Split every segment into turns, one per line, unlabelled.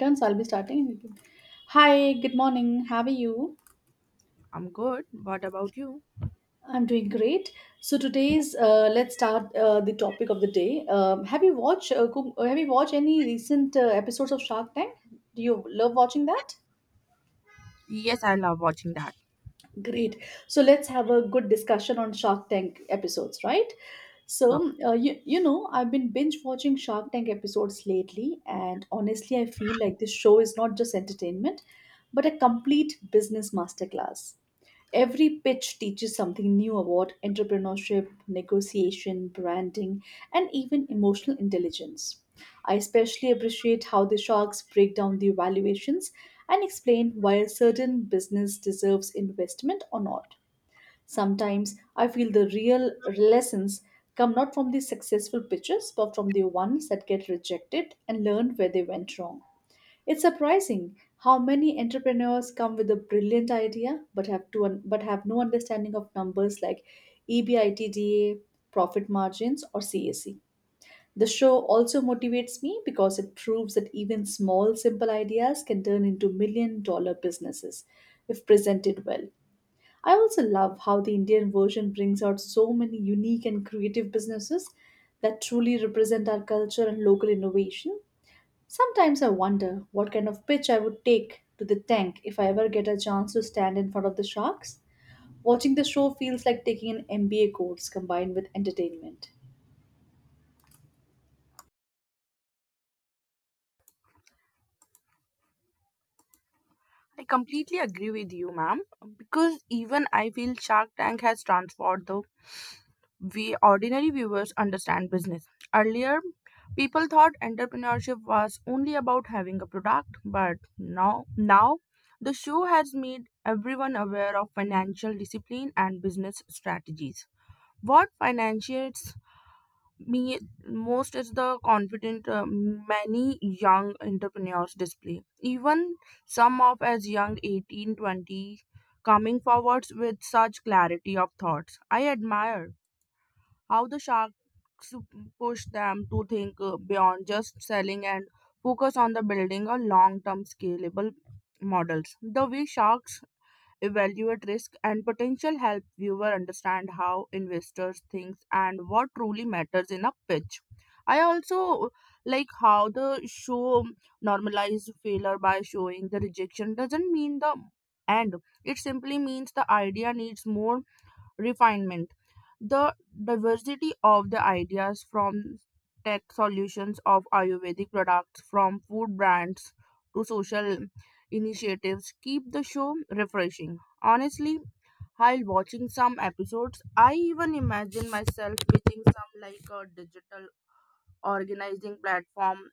So I'll be starting. Hi, good morning. How are you?
I'm good. What about you?
I'm doing great. So today's let's start the topic of the day. Have you watched any recent episodes of Shark Tank? Do you love watching that?
Yes, I love watching that.
Great. So let's have a good discussion on Shark Tank episodes, right?
Yeah.
So, I've been binge watching Shark Tank episodes lately, and honestly, I feel like this show is not just entertainment, but a complete business masterclass. Every pitch teaches something new about entrepreneurship, negotiation, branding, and even emotional intelligence. I especially appreciate how the sharks break down the valuations and explain why a certain business deserves investment or not. Sometimes I feel the real lessons come not from the successful pitches but from the ones that get rejected and learn where they went wrong. It's surprising how many entrepreneurs come with a brilliant idea but have no understanding of numbers like EBITDA, profit margins or CAC. The show also motivates me because it proves that even small simple ideas can turn into million-dollar businesses if presented well. I also love how the Indian version brings out so many unique and creative businesses that truly represent our culture and local innovation. Sometimes I wonder what kind of pitch I would take to the tank if I ever get a chance to stand in front of the sharks. Watching the show feels like taking an MBA course combined with entertainment.
I completely agree with you, ma'am, because even I feel Shark Tank has transformed the way ordinary viewers understand business. Earlier, people thought entrepreneurship was only about having a product, but now the show has made everyone aware of financial discipline and business strategies. What financiers me most is the confident many young entrepreneurs display, even some of as young 18, 20, coming forwards with such clarity of thoughts. I admire how the sharks push them to think beyond just selling and focus on the building a long term scalable models. The way sharks evaluate risk and potential help viewer understand how investors think and what truly matters in a pitch. I also like how the show normalized failure by showing the rejection doesn't mean the end. It simply means the idea needs more refinement. The diversity of the ideas, from tech solutions of Ayurvedic products, from food brands to social initiatives, keep the show refreshing. Honestly, while watching some episodes, I even imagine myself pitching some like a digital organizing platform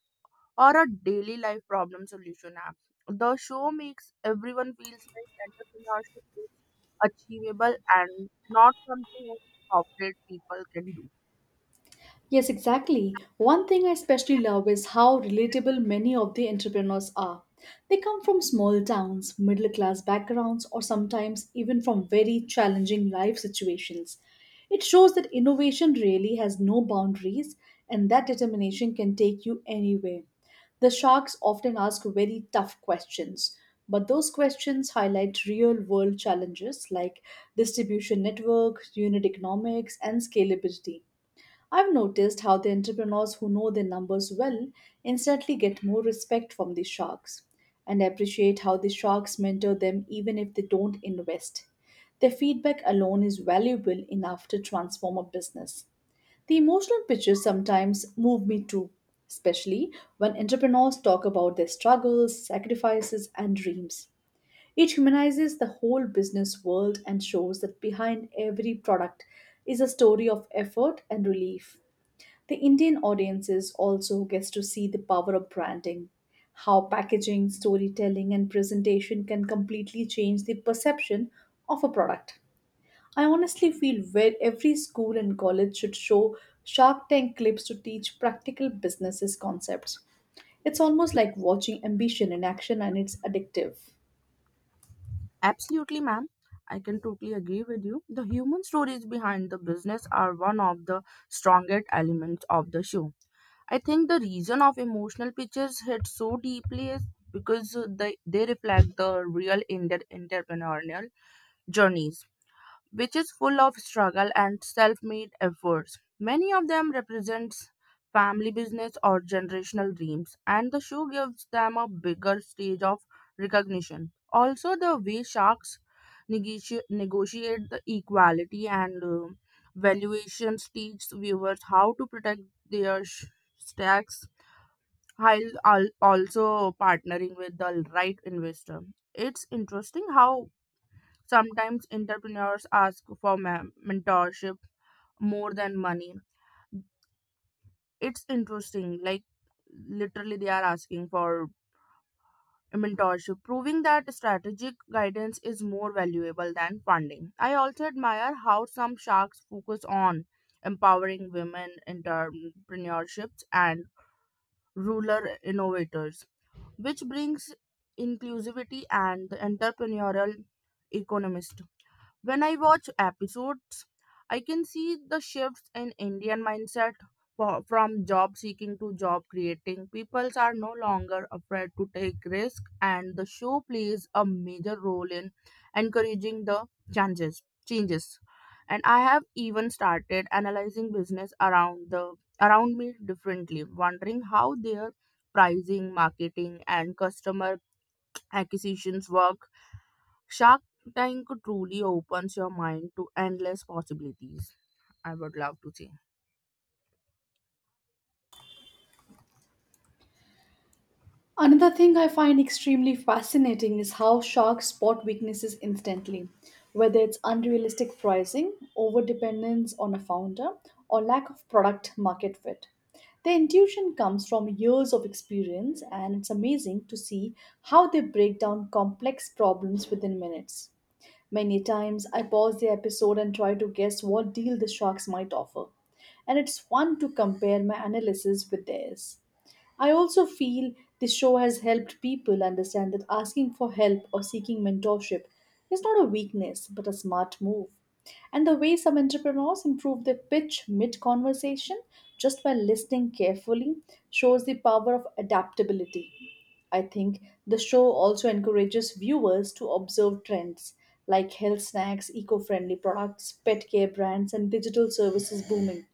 or a daily life problem solution app. The show makes everyone feels like entrepreneurship achievable and not something that corporate people can do.
Yes, exactly. One thing I especially love is how relatable many of the entrepreneurs are. They come from small towns, middle class backgrounds, or sometimes even from very challenging life situations. It shows that innovation really has no boundaries and that determination can take you anywhere. The sharks often ask very tough questions, but those questions highlight real world challenges like distribution network, unit economics, and scalability. I've noticed how the entrepreneurs who know their numbers well instantly get more respect from the sharks and appreciate how the sharks mentor them even if they don't invest. Their feedback alone is valuable enough to transform a business. The emotional pictures sometimes move me too, especially when entrepreneurs talk about their struggles, sacrifices, and dreams. It humanizes the whole business world and shows that behind every product is a story of effort and relief. The Indian audiences also gets to see the power of branding, how packaging, storytelling, and presentation can completely change the perception of a product. I honestly feel where every school and college should show Shark Tank clips to teach practical businesses concepts. It's almost like watching ambition in action and it's addictive.
Absolutely, ma'am. I can totally agree with you. The human stories behind the business are one of the strongest elements of the show. I think the reason of emotional pictures hit so deeply is because they reflect the real Indian entrepreneurial journeys, which is full of struggle and self-made efforts. Many of them represents family business or generational dreams, and the show gives them a bigger stage of recognition. Also, the way sharks negotiate the equality and valuations teach viewers how to protect their stacks while also partnering with the right investor. It's interesting how sometimes entrepreneurs ask for mentorship more than money. It's interesting, like literally they are asking for mentorship, proving that strategic guidance is more valuable than funding. I also admire how some sharks focus on empowering women entrepreneurships and rural innovators, which brings inclusivity and the entrepreneurial economy. When I watch episodes, I can see the shifts in Indian mindset from job seeking to job creating. People are no longer afraid to take risk and the show plays a major role in encouraging the changes. And I have even started analyzing business around the around me differently, wondering how their pricing, marketing and customer acquisitions work. Shark Tank truly opens your mind to endless possibilities. I would love to say.
Another thing I find extremely fascinating is how sharks spot weaknesses instantly, whether it's unrealistic pricing, overdependence on a founder, or lack of product market fit. Their intuition comes from years of experience, and it's amazing to see how they break down complex problems within minutes. Many times I pause the episode and try to guess what deal the sharks might offer, and it's fun to compare my analysis with theirs. I also feel the show has helped people understand that asking for help or seeking mentorship is not a weakness but a smart move. And the way some entrepreneurs improve their pitch mid conversation just by listening carefully shows the power of adaptability. I think the show also encourages viewers to observe trends like health snacks, eco friendly products, pet care brands, and digital services booming.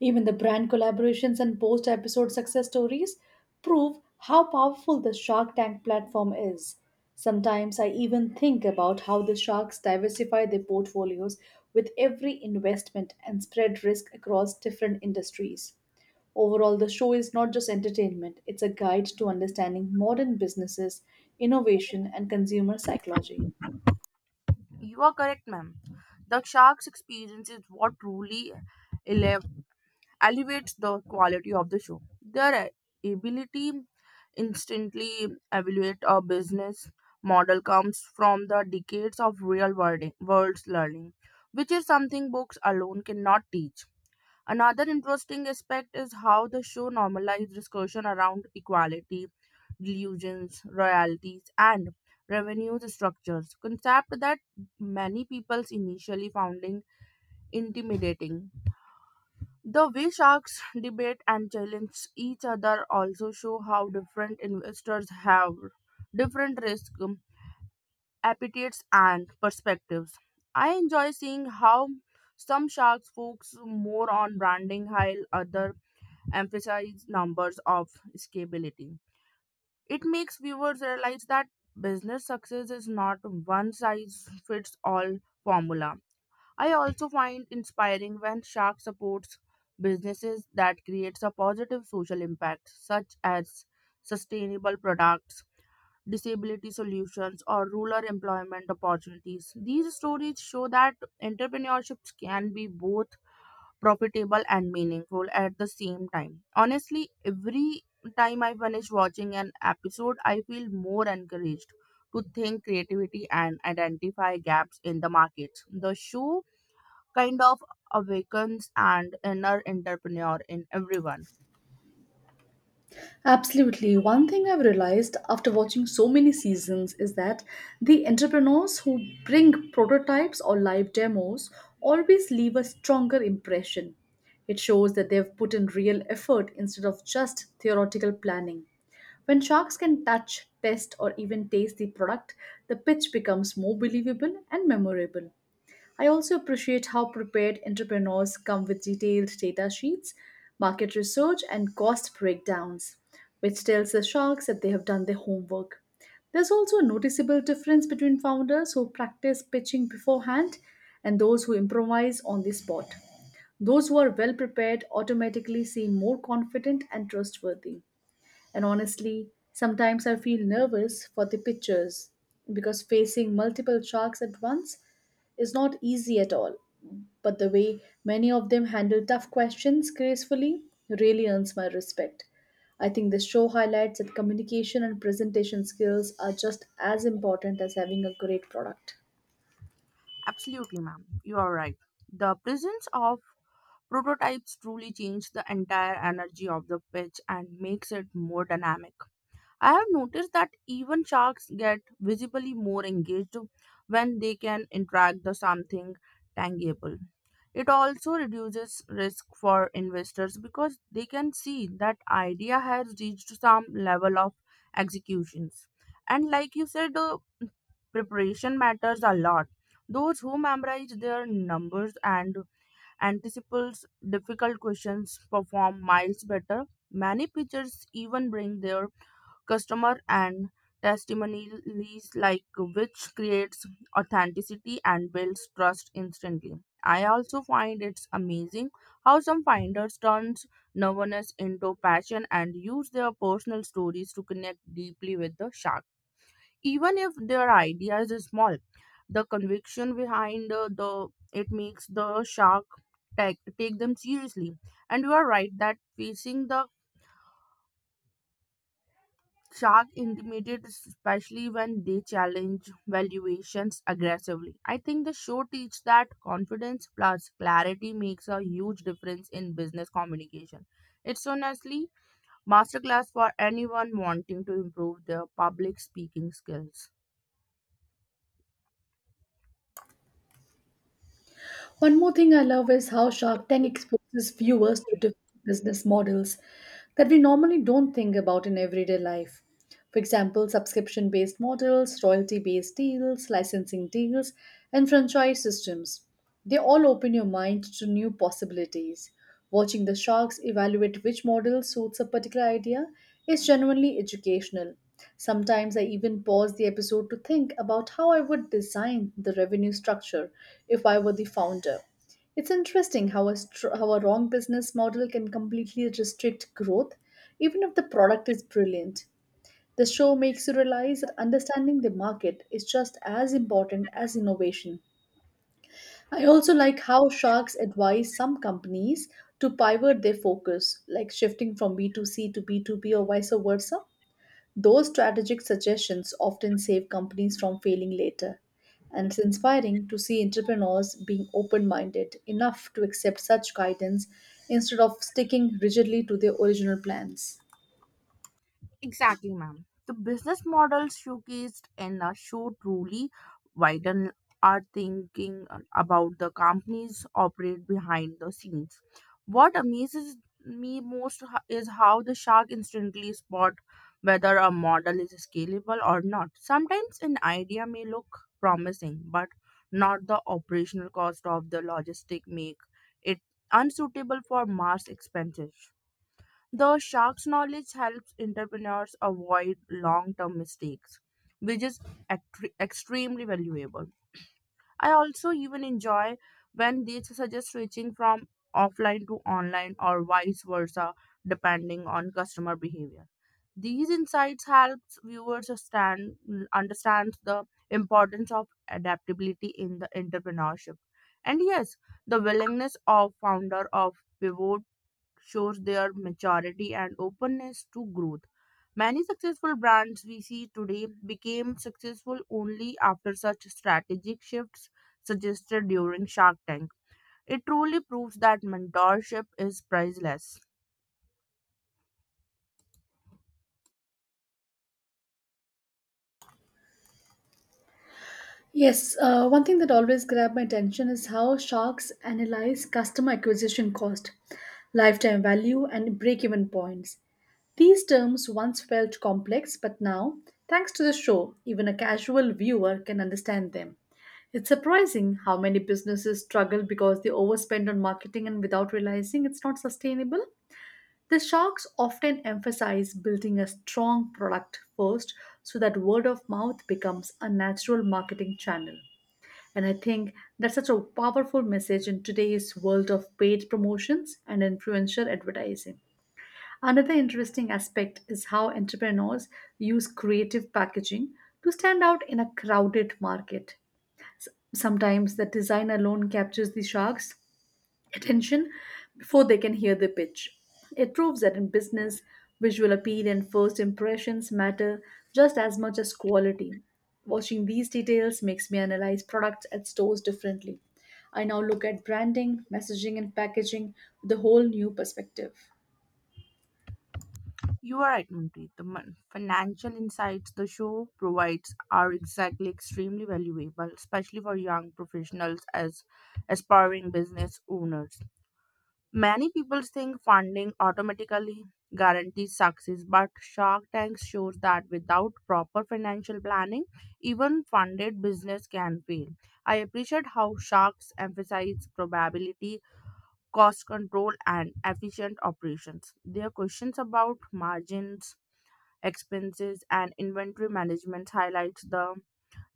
Even the brand collaborations and post episode success stories prove how powerful the Shark Tank platform is. Sometimes I even think about how the sharks diversify their portfolios with every investment and spread risk across different industries. Overall, the show is not just entertainment, it's a guide to understanding modern businesses, innovation, and consumer psychology.
You are correct, ma'am. The shark's experience is what truly ele- elevates the quality of the show. Their ability instantly evaluate a business model comes from the decades of real world's learning, which is something books alone cannot teach. Another interesting aspect is how the show normalized discussion around equality, delusions, royalties, and revenue structures, concept that many peoples initially found intimidating. The way sharks debate and challenge each other also show how different investors have different risk appetites and perspectives. I enjoy seeing how some sharks focus more on branding while other emphasize numbers of scalability. It makes viewers realize that business success is not one size fits all formula. I also find inspiring when Shark supports businesses that creates a positive social impact such as sustainable products, disability solutions or rural employment opportunities. These stories show that entrepreneurship can be both profitable and meaningful at the same time. Honestly, every time I finish watching an episode, I feel more encouraged to think creativity and identify gaps in the markets. The show kind of awakens an inner entrepreneur in everyone.
Absolutely. One thing I've realized after watching so many seasons is that the entrepreneurs who bring prototypes or live demos always leave a stronger impression. It shows that they've put in real effort instead of just theoretical planning. When sharks can touch, test, or even taste the product, the pitch becomes more believable and memorable. I also appreciate how prepared entrepreneurs come with detailed data sheets, market research, and cost breakdowns, which tells the sharks that they have done their homework. There's also a noticeable difference between founders who practice pitching beforehand and those who improvise on the spot. Those who are well prepared automatically seem more confident and trustworthy. And honestly, sometimes I feel nervous for the pictures because facing multiple sharks at once is not easy at all. But the way many of them handle tough questions gracefully really earns my respect. I think the show highlights that communication and presentation skills are just as important as having a great product.
Absolutely, ma'am. You are right. The presence of prototypes truly changes the entire energy of the pitch and makes it more dynamic. I have noticed that even sharks get visibly more engaged when they can interact with something tangible. It also reduces risk for investors because they can see that idea has reached some level of executions. And like you said, preparation matters a lot. Those who memorize their numbers and anticipates difficult questions perform miles better. Many pitchers even bring their customer and testimonies like which creates authenticity and builds trust instantly. I also find it's amazing how some finders turns nervousness into passion and use their personal stories to connect deeply with the shark, even if their ideas is small. The conviction behind the it makes the shark take them seriously. And you are right that facing the Shark intimidate, especially when they challenge valuations aggressively. I think the show teaches that confidence plus clarity makes a huge difference in business communication. It's honestly masterclass for anyone wanting to improve their public speaking skills.
One more thing I love is how Shark Tank exposes viewers to different business models that we normally don't think about in everyday life. For example, subscription based models, royalty based deals, licensing deals, and franchise systems. They all open your mind to new possibilities. Watching the sharks evaluate which model suits a particular idea is genuinely educational. Sometimes I even pause the episode to think about how I would design the revenue structure if I were the founder. It's interesting how how a wrong business model can completely restrict growth, even if the product is brilliant. The show makes you realize that understanding the market is just as important as innovation. I also like how sharks advise some companies to pivot their focus, like shifting from B2C to B2B or vice versa. Those strategic suggestions often save companies from failing later. And it's inspiring to see entrepreneurs being open minded enough to accept such guidance instead of sticking rigidly to their original plans.
Exactly, ma'am. The business models showcased in the show truly widen our thinking about the companies operate behind the scenes. What amazes me most is how the shark instantly spot whether a model is scalable or not. Sometimes an idea may look promising, but not the operational cost of the logistic make it unsuitable for mass expenses. The shark's knowledge helps entrepreneurs avoid long term mistakes, which is extremely valuable. I also even enjoy when they suggest switching from offline to online or vice versa, depending on customer behavior. These insights helps viewers stand, understand the importance of adaptability in the entrepreneurship. And yes, the willingness of founder of pivot shows their maturity and openness to growth. Many successful brands we see today became successful only after such strategic shifts suggested during Shark Tank. It truly proves that mentorship is priceless.
Yes, one thing that always grabbed my attention is how sharks analyze customer acquisition cost, lifetime value, and break even points. These terms once felt complex, but now, thanks to the show, even a casual viewer can understand them. It's surprising how many businesses struggle because they overspend on marketing and without realizing it's not sustainable. The sharks often emphasize building a strong product first so that word of mouth becomes a natural marketing channel. And I think that's such a powerful message in today's world of paid promotions and influencer advertising. Another interesting aspect is how entrepreneurs use creative packaging to stand out in a crowded market. Sometimes the design alone captures the sharks, attention before they can hear the pitch. It proves that in business, visual appeal and first impressions matter just as much as quality. Watching these details makes me analyze products at stores differently. I now look at branding, messaging, and packaging with a whole new perspective.
You are right, Manpreet. The financial insights the show provides are exactly extremely valuable, especially for young professionals as aspiring business owners. Many people think funding automatically guarantees success, but Shark Tank shows that without proper financial planning, even funded business can fail. I appreciate how sharks emphasize probability, cost control, and efficient operations. Their questions about margins, expenses, and inventory management highlights the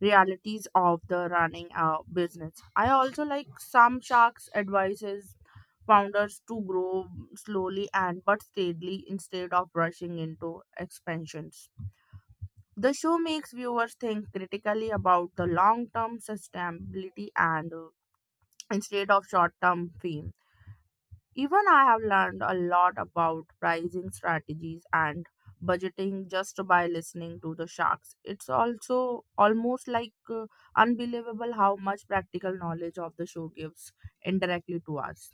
realities of the running a business. I also like some sharks' advices founders to grow slowly and but steadily instead of rushing into expansions. The show makes viewers think critically about the long term sustainability and instead of short term fame. Even I have learned a lot about pricing strategies and budgeting just by listening to the sharks. It's also almost like unbelievable how much practical knowledge of the show gives indirectly to us.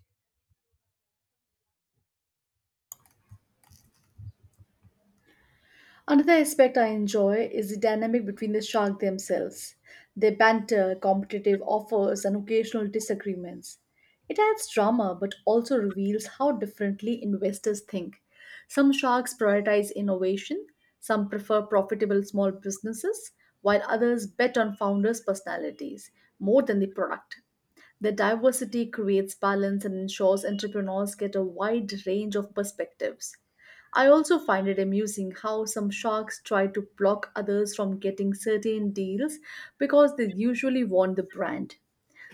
Another aspect I enjoy is the dynamic between the shark themselves. Their banter, competitive offers, and occasional disagreements. It adds drama but also reveals how differently investors think. Some sharks prioritize innovation, some prefer profitable small businesses, while others bet on founders' personalities more than the product. The diversity creates balance and ensures entrepreneurs get a wide range of perspectives. I also find it amusing how some sharks try to block others from getting certain deals because they usually want the brand.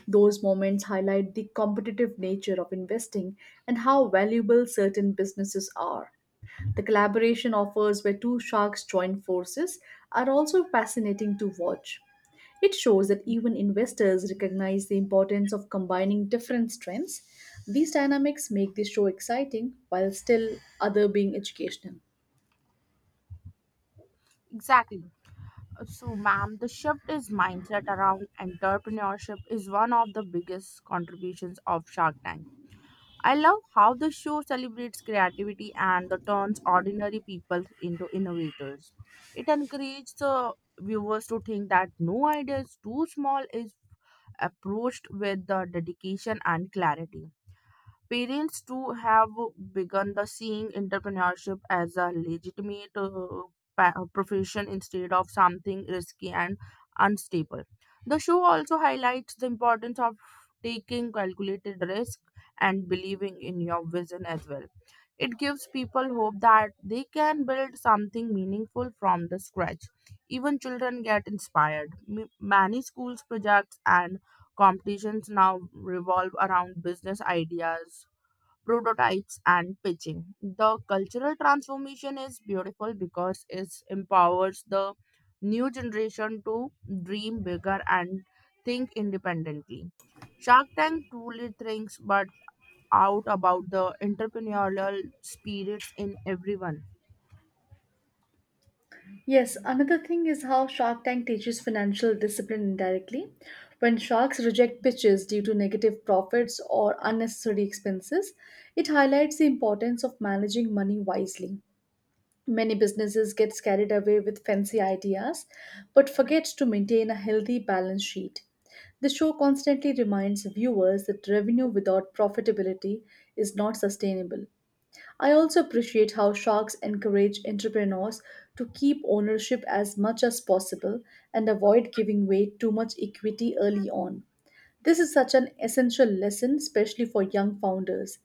Those moments highlight the competitive nature of investing and how valuable certain businesses are. The collaboration offers where two sharks join forces are also fascinating to watch. It shows that even investors recognize the importance of combining different strengths. These dynamics make the show exciting while still other being educational.
Exactly. So, ma'am, the shift is mindset around entrepreneurship is one of the biggest contributions of Shark Tank. I love how the show celebrates creativity and the turns ordinary people into innovators. It encourages the viewers to think that no idea is too small is approached with the dedication and clarity. Parents too have begun the seeing entrepreneurship as a legitimate profession instead of something risky and unstable. The show also highlights the importance of taking calculated risk and believing in your vision as well. It gives people hope that they can build something meaningful from the scratch. Even children get inspired. Many schools projects and competitions now revolve around business ideas prototypes and pitching. The cultural transformation is beautiful because it empowers the new generation to dream bigger and think independently. Shark Tank truly thinks but out about the entrepreneurial spirits in everyone.
Yes, another thing is how Shark Tank teaches financial discipline indirectly. When sharks reject pitches due to negative profits or unnecessary expenses, it highlights the importance of managing money wisely. Many businesses get carried away with fancy ideas but forget to maintain a healthy balance sheet. The show constantly reminds viewers that revenue without profitability is not sustainable. I also appreciate how sharks encourage entrepreneurs to keep ownership as much as possible and avoid giving away too much equity early on. This is such an essential lesson, especially for young founders.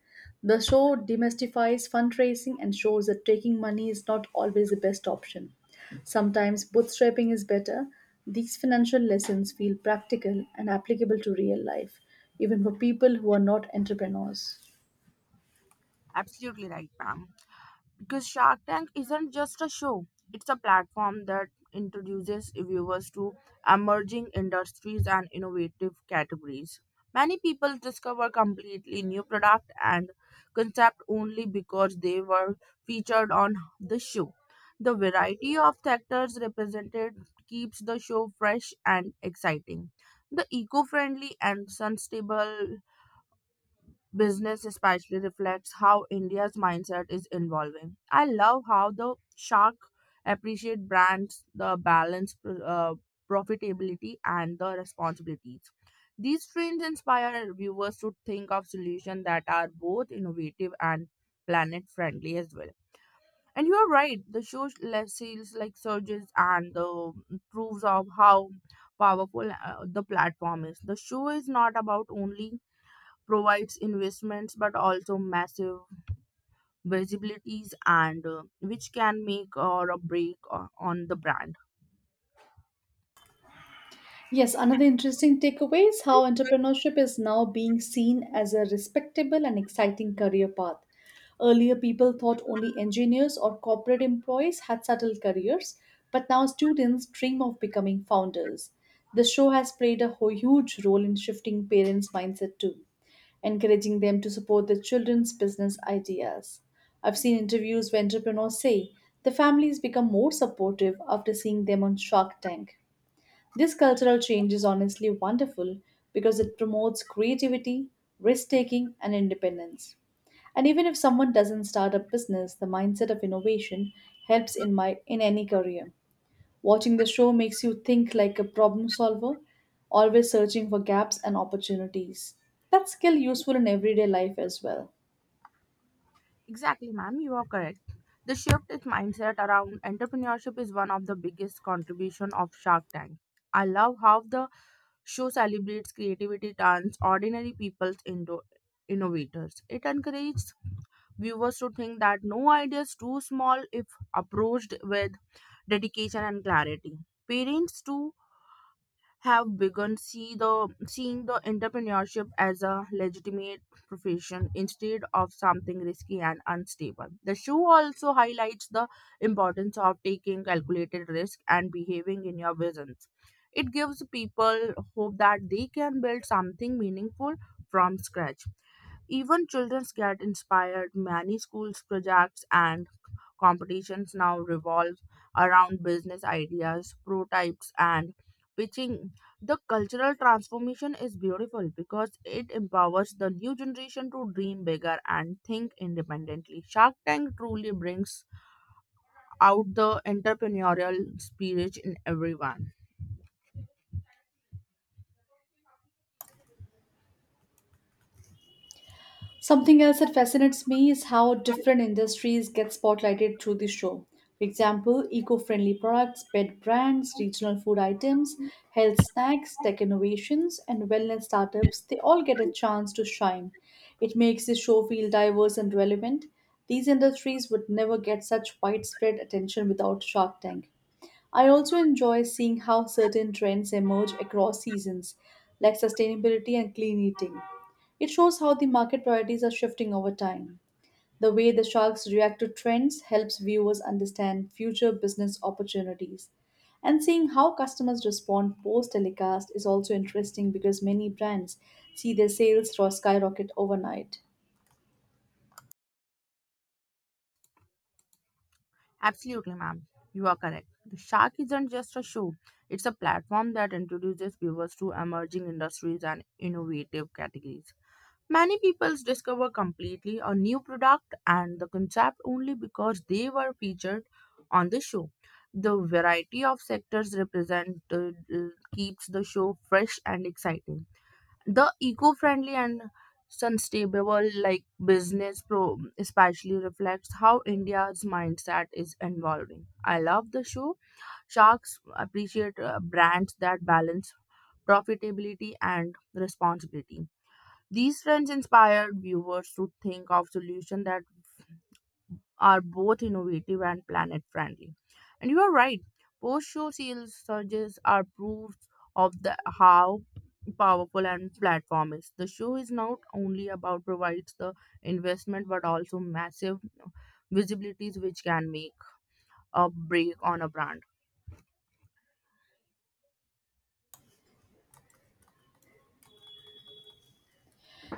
The show demystifies fundraising and shows that taking money is not always the best option. Sometimes bootstrapping is better. These financial lessons feel practical and applicable to real life, even for people who are not entrepreneurs.
Absolutely right, ma'am. Because Shark Tank isn't just a show, it's a platform that introduces viewers to emerging industries and innovative categories. Many people discover completely new product and concept only because they were featured on the show. The variety of sectors represented keeps the show fresh and exciting. The eco-friendly and sustainable business especially reflects how India's mindset is evolving. I love how the shark appreciate brands, the balance, profitability, and the responsibilities. These trends inspire viewers to think of solutions that are both innovative and planet friendly as well. And you are right, the show sales like surges and the proves of how powerful the platform is. The show is not about only provides investments but also massive visibilities and which can make or a break on the brand.
Yes, another interesting takeaway is how entrepreneurship is now being seen as a respectable and exciting career path. Earlier, people thought only engineers or corporate employees had subtle careers, but now students dream of becoming founders. The show has played a huge role in shifting parents' mindset too, encouraging them to support their children's business ideas. I've seen interviews where entrepreneurs say the families become more supportive after seeing them on Shark Tank. This cultural change is honestly wonderful because it promotes creativity, risk taking, and independence. And even if someone doesn't start a business, the mindset of innovation helps in any career. Watching the show makes you think like a problem solver, always searching for gaps and opportunities. That skill useful in everyday life as well.
Exactly, ma'am, you are correct. The shift in mindset around entrepreneurship is one of the biggest contribution of Shark Tank. I love how the show celebrates creativity turns ordinary people into innovators. It encourages viewers to think that no idea is too small if approached with dedication and clarity. Parents too have begun seeing the entrepreneurship as a legitimate profession instead of something risky and unstable. The show also highlights the importance of taking calculated risk and behaving in your visions. It gives people hope that they can build something meaningful from scratch. Even children get inspired. Many schools projects and competitions now revolve around business ideas, prototypes and pitching. The cultural transformation is beautiful because it empowers the new generation to dream bigger and think independently. Shark Tank truly brings out the entrepreneurial spirit in everyone.
Something else that fascinates me is how different industries get spotlighted through the show. For example, eco friendly products, pet brands, regional food items, health snacks, tech innovations, and wellness startups they all get a chance to shine. It makes the show feel diverse and relevant. These industries would never get such widespread attention without Shark Tank. I also enjoy seeing how certain trends emerge across seasons, like sustainability and clean eating. It shows how the market priorities are shifting over time. The way the sharks react to trends helps viewers understand future business opportunities. And seeing how customers respond post telecast is also interesting because many brands see their sales skyrocket overnight.
Absolutely, ma'am. You are correct. The Shark isn't just a show, it's a platform that introduces viewers to emerging industries and innovative categories. Many people discover completely a new product and the concept only because they were featured on the show. The variety of sectors represented uh, keeps the show fresh and exciting. The eco-friendly and sustainable like business pro especially reflects how India's mindset is evolving. I love the show sharks appreciate brands that balance profitability and responsibility. These trends inspire viewers to think of solutions that are both innovative and planet friendly. And you are right, post show sales surges are proof of the how powerful and platform is. The show is not only about provides the investment but also massive visibilities which can make a break on a brand.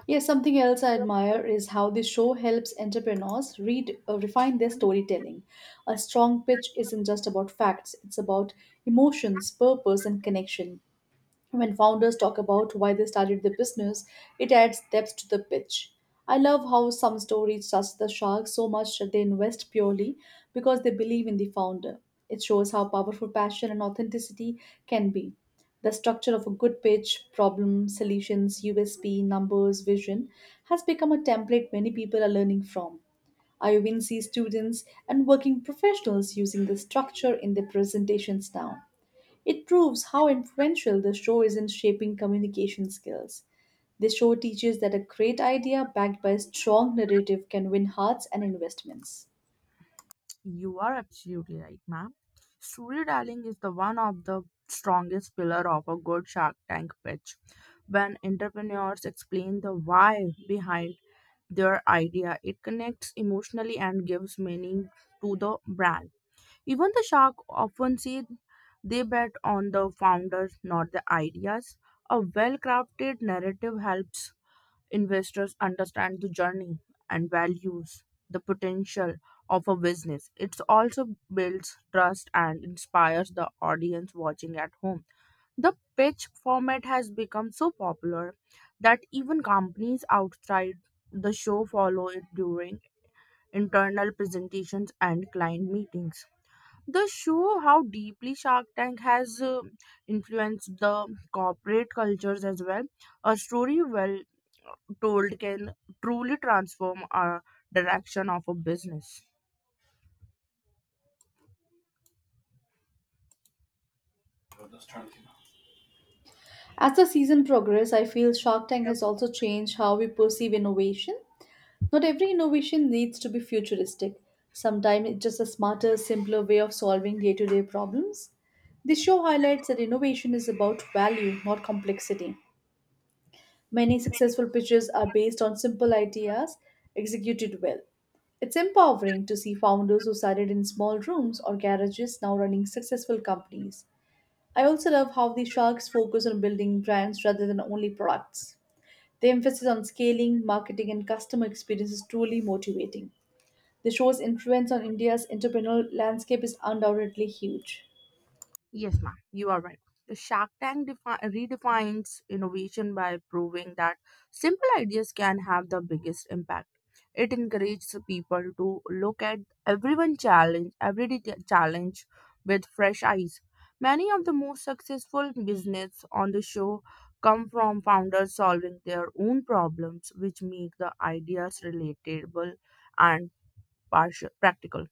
Yes, something else I admire is how the show helps entrepreneurs refine their storytelling. A strong pitch isn't just about facts, it's about emotions, purpose, and connection. When founders talk about why they started their business, it adds depth to the pitch. I love how some stories touch the shark so much that they invest purely because they believe in the founder. It shows how powerful passion and authenticity can be. The structure of a good pitch, problem, solutions, USP, numbers, vision has become a template many people are learning from. I even see students and working professionals using this structure in their presentations now. It proves how influential the show is in shaping communication skills. The show teaches that a great idea backed by a strong narrative can win hearts and investments.
You are absolutely right, ma'am. Storytelling is the one of the strongest pillar of a good Shark Tank pitch. When entrepreneurs explain the why behind their idea, it connects emotionally and gives meaning to the brand. Even the shark often say they bet on the founders, not the ideas. A well crafted narrative helps investors understand the journey and values the potential of a business. It also builds trust and inspires the audience watching at home. The pitch format has become so popular that even companies outside the show follow it during internal presentations and client meetings. The show how deeply Shark Tank has influenced the corporate cultures as well. A story well told can truly transform a direction of a business.
As the season progresses, I feel Shark Tank has also changed how we perceive innovation. Not every innovation needs to be futuristic. Sometimes it's just a smarter, simpler way of solving day to day problems. The show highlights that innovation is about value, not complexity. Many successful pitches are based on simple ideas executed well. It's empowering to see founders who started in small rooms or garages now running successful companies. I also love how the sharks focus on building brands rather than only products. The emphasis on scaling, marketing, and customer experience is truly motivating. The show's influence on India's entrepreneurial landscape is undoubtedly huge.
Yes, ma'am, you are right. The Shark Tank redefines innovation by proving that simple ideas can have the biggest impact. It encourages people to look at everyone challenge, everyday challenge with fresh eyes. Many of the most successful business on the show come from founders solving their own problems, which make the ideas relatable and partial, practical.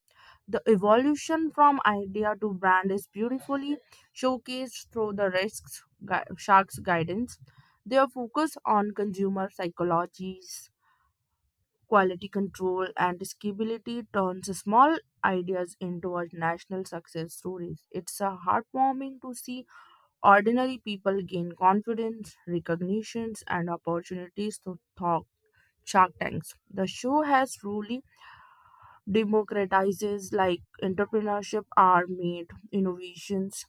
The evolution from idea to brand is beautifully showcased through the risks shark's guidance. Their focus on consumer psychologies, quality control, and scalability turns small ideas into a national success stories. It's a heartwarming to see ordinary people gain confidence, recognitions, and opportunities to talk Shark Tanks. The show has truly democratizes like entrepreneurship are made innovations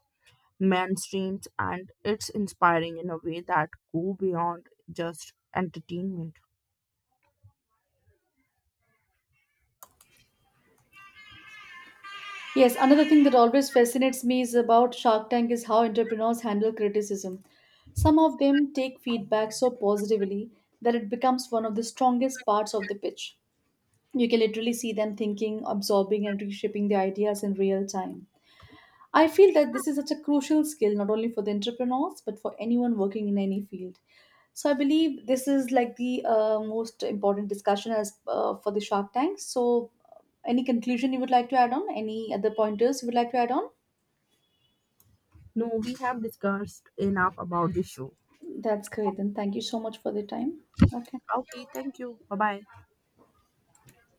mainstreams and it's inspiring in a way that go beyond just entertainment.
Yes, another thing that always fascinates me is about Shark Tank is how entrepreneurs handle criticism. Some of them take feedback so positively that it becomes one of the strongest parts of the pitch. You can literally see them thinking, absorbing, and reshaping the ideas in real time. I feel that this is such a crucial skill, not only for the entrepreneurs, but for anyone working in any field. So I believe this is like the most important discussion as for the Shark Tank. Any conclusion you would like to add on? Any other pointers you would like to add on?
No, we have discussed enough about the show.
That's great. Then thank you so much for the time. Okay.
Okay, thank you, bye bye.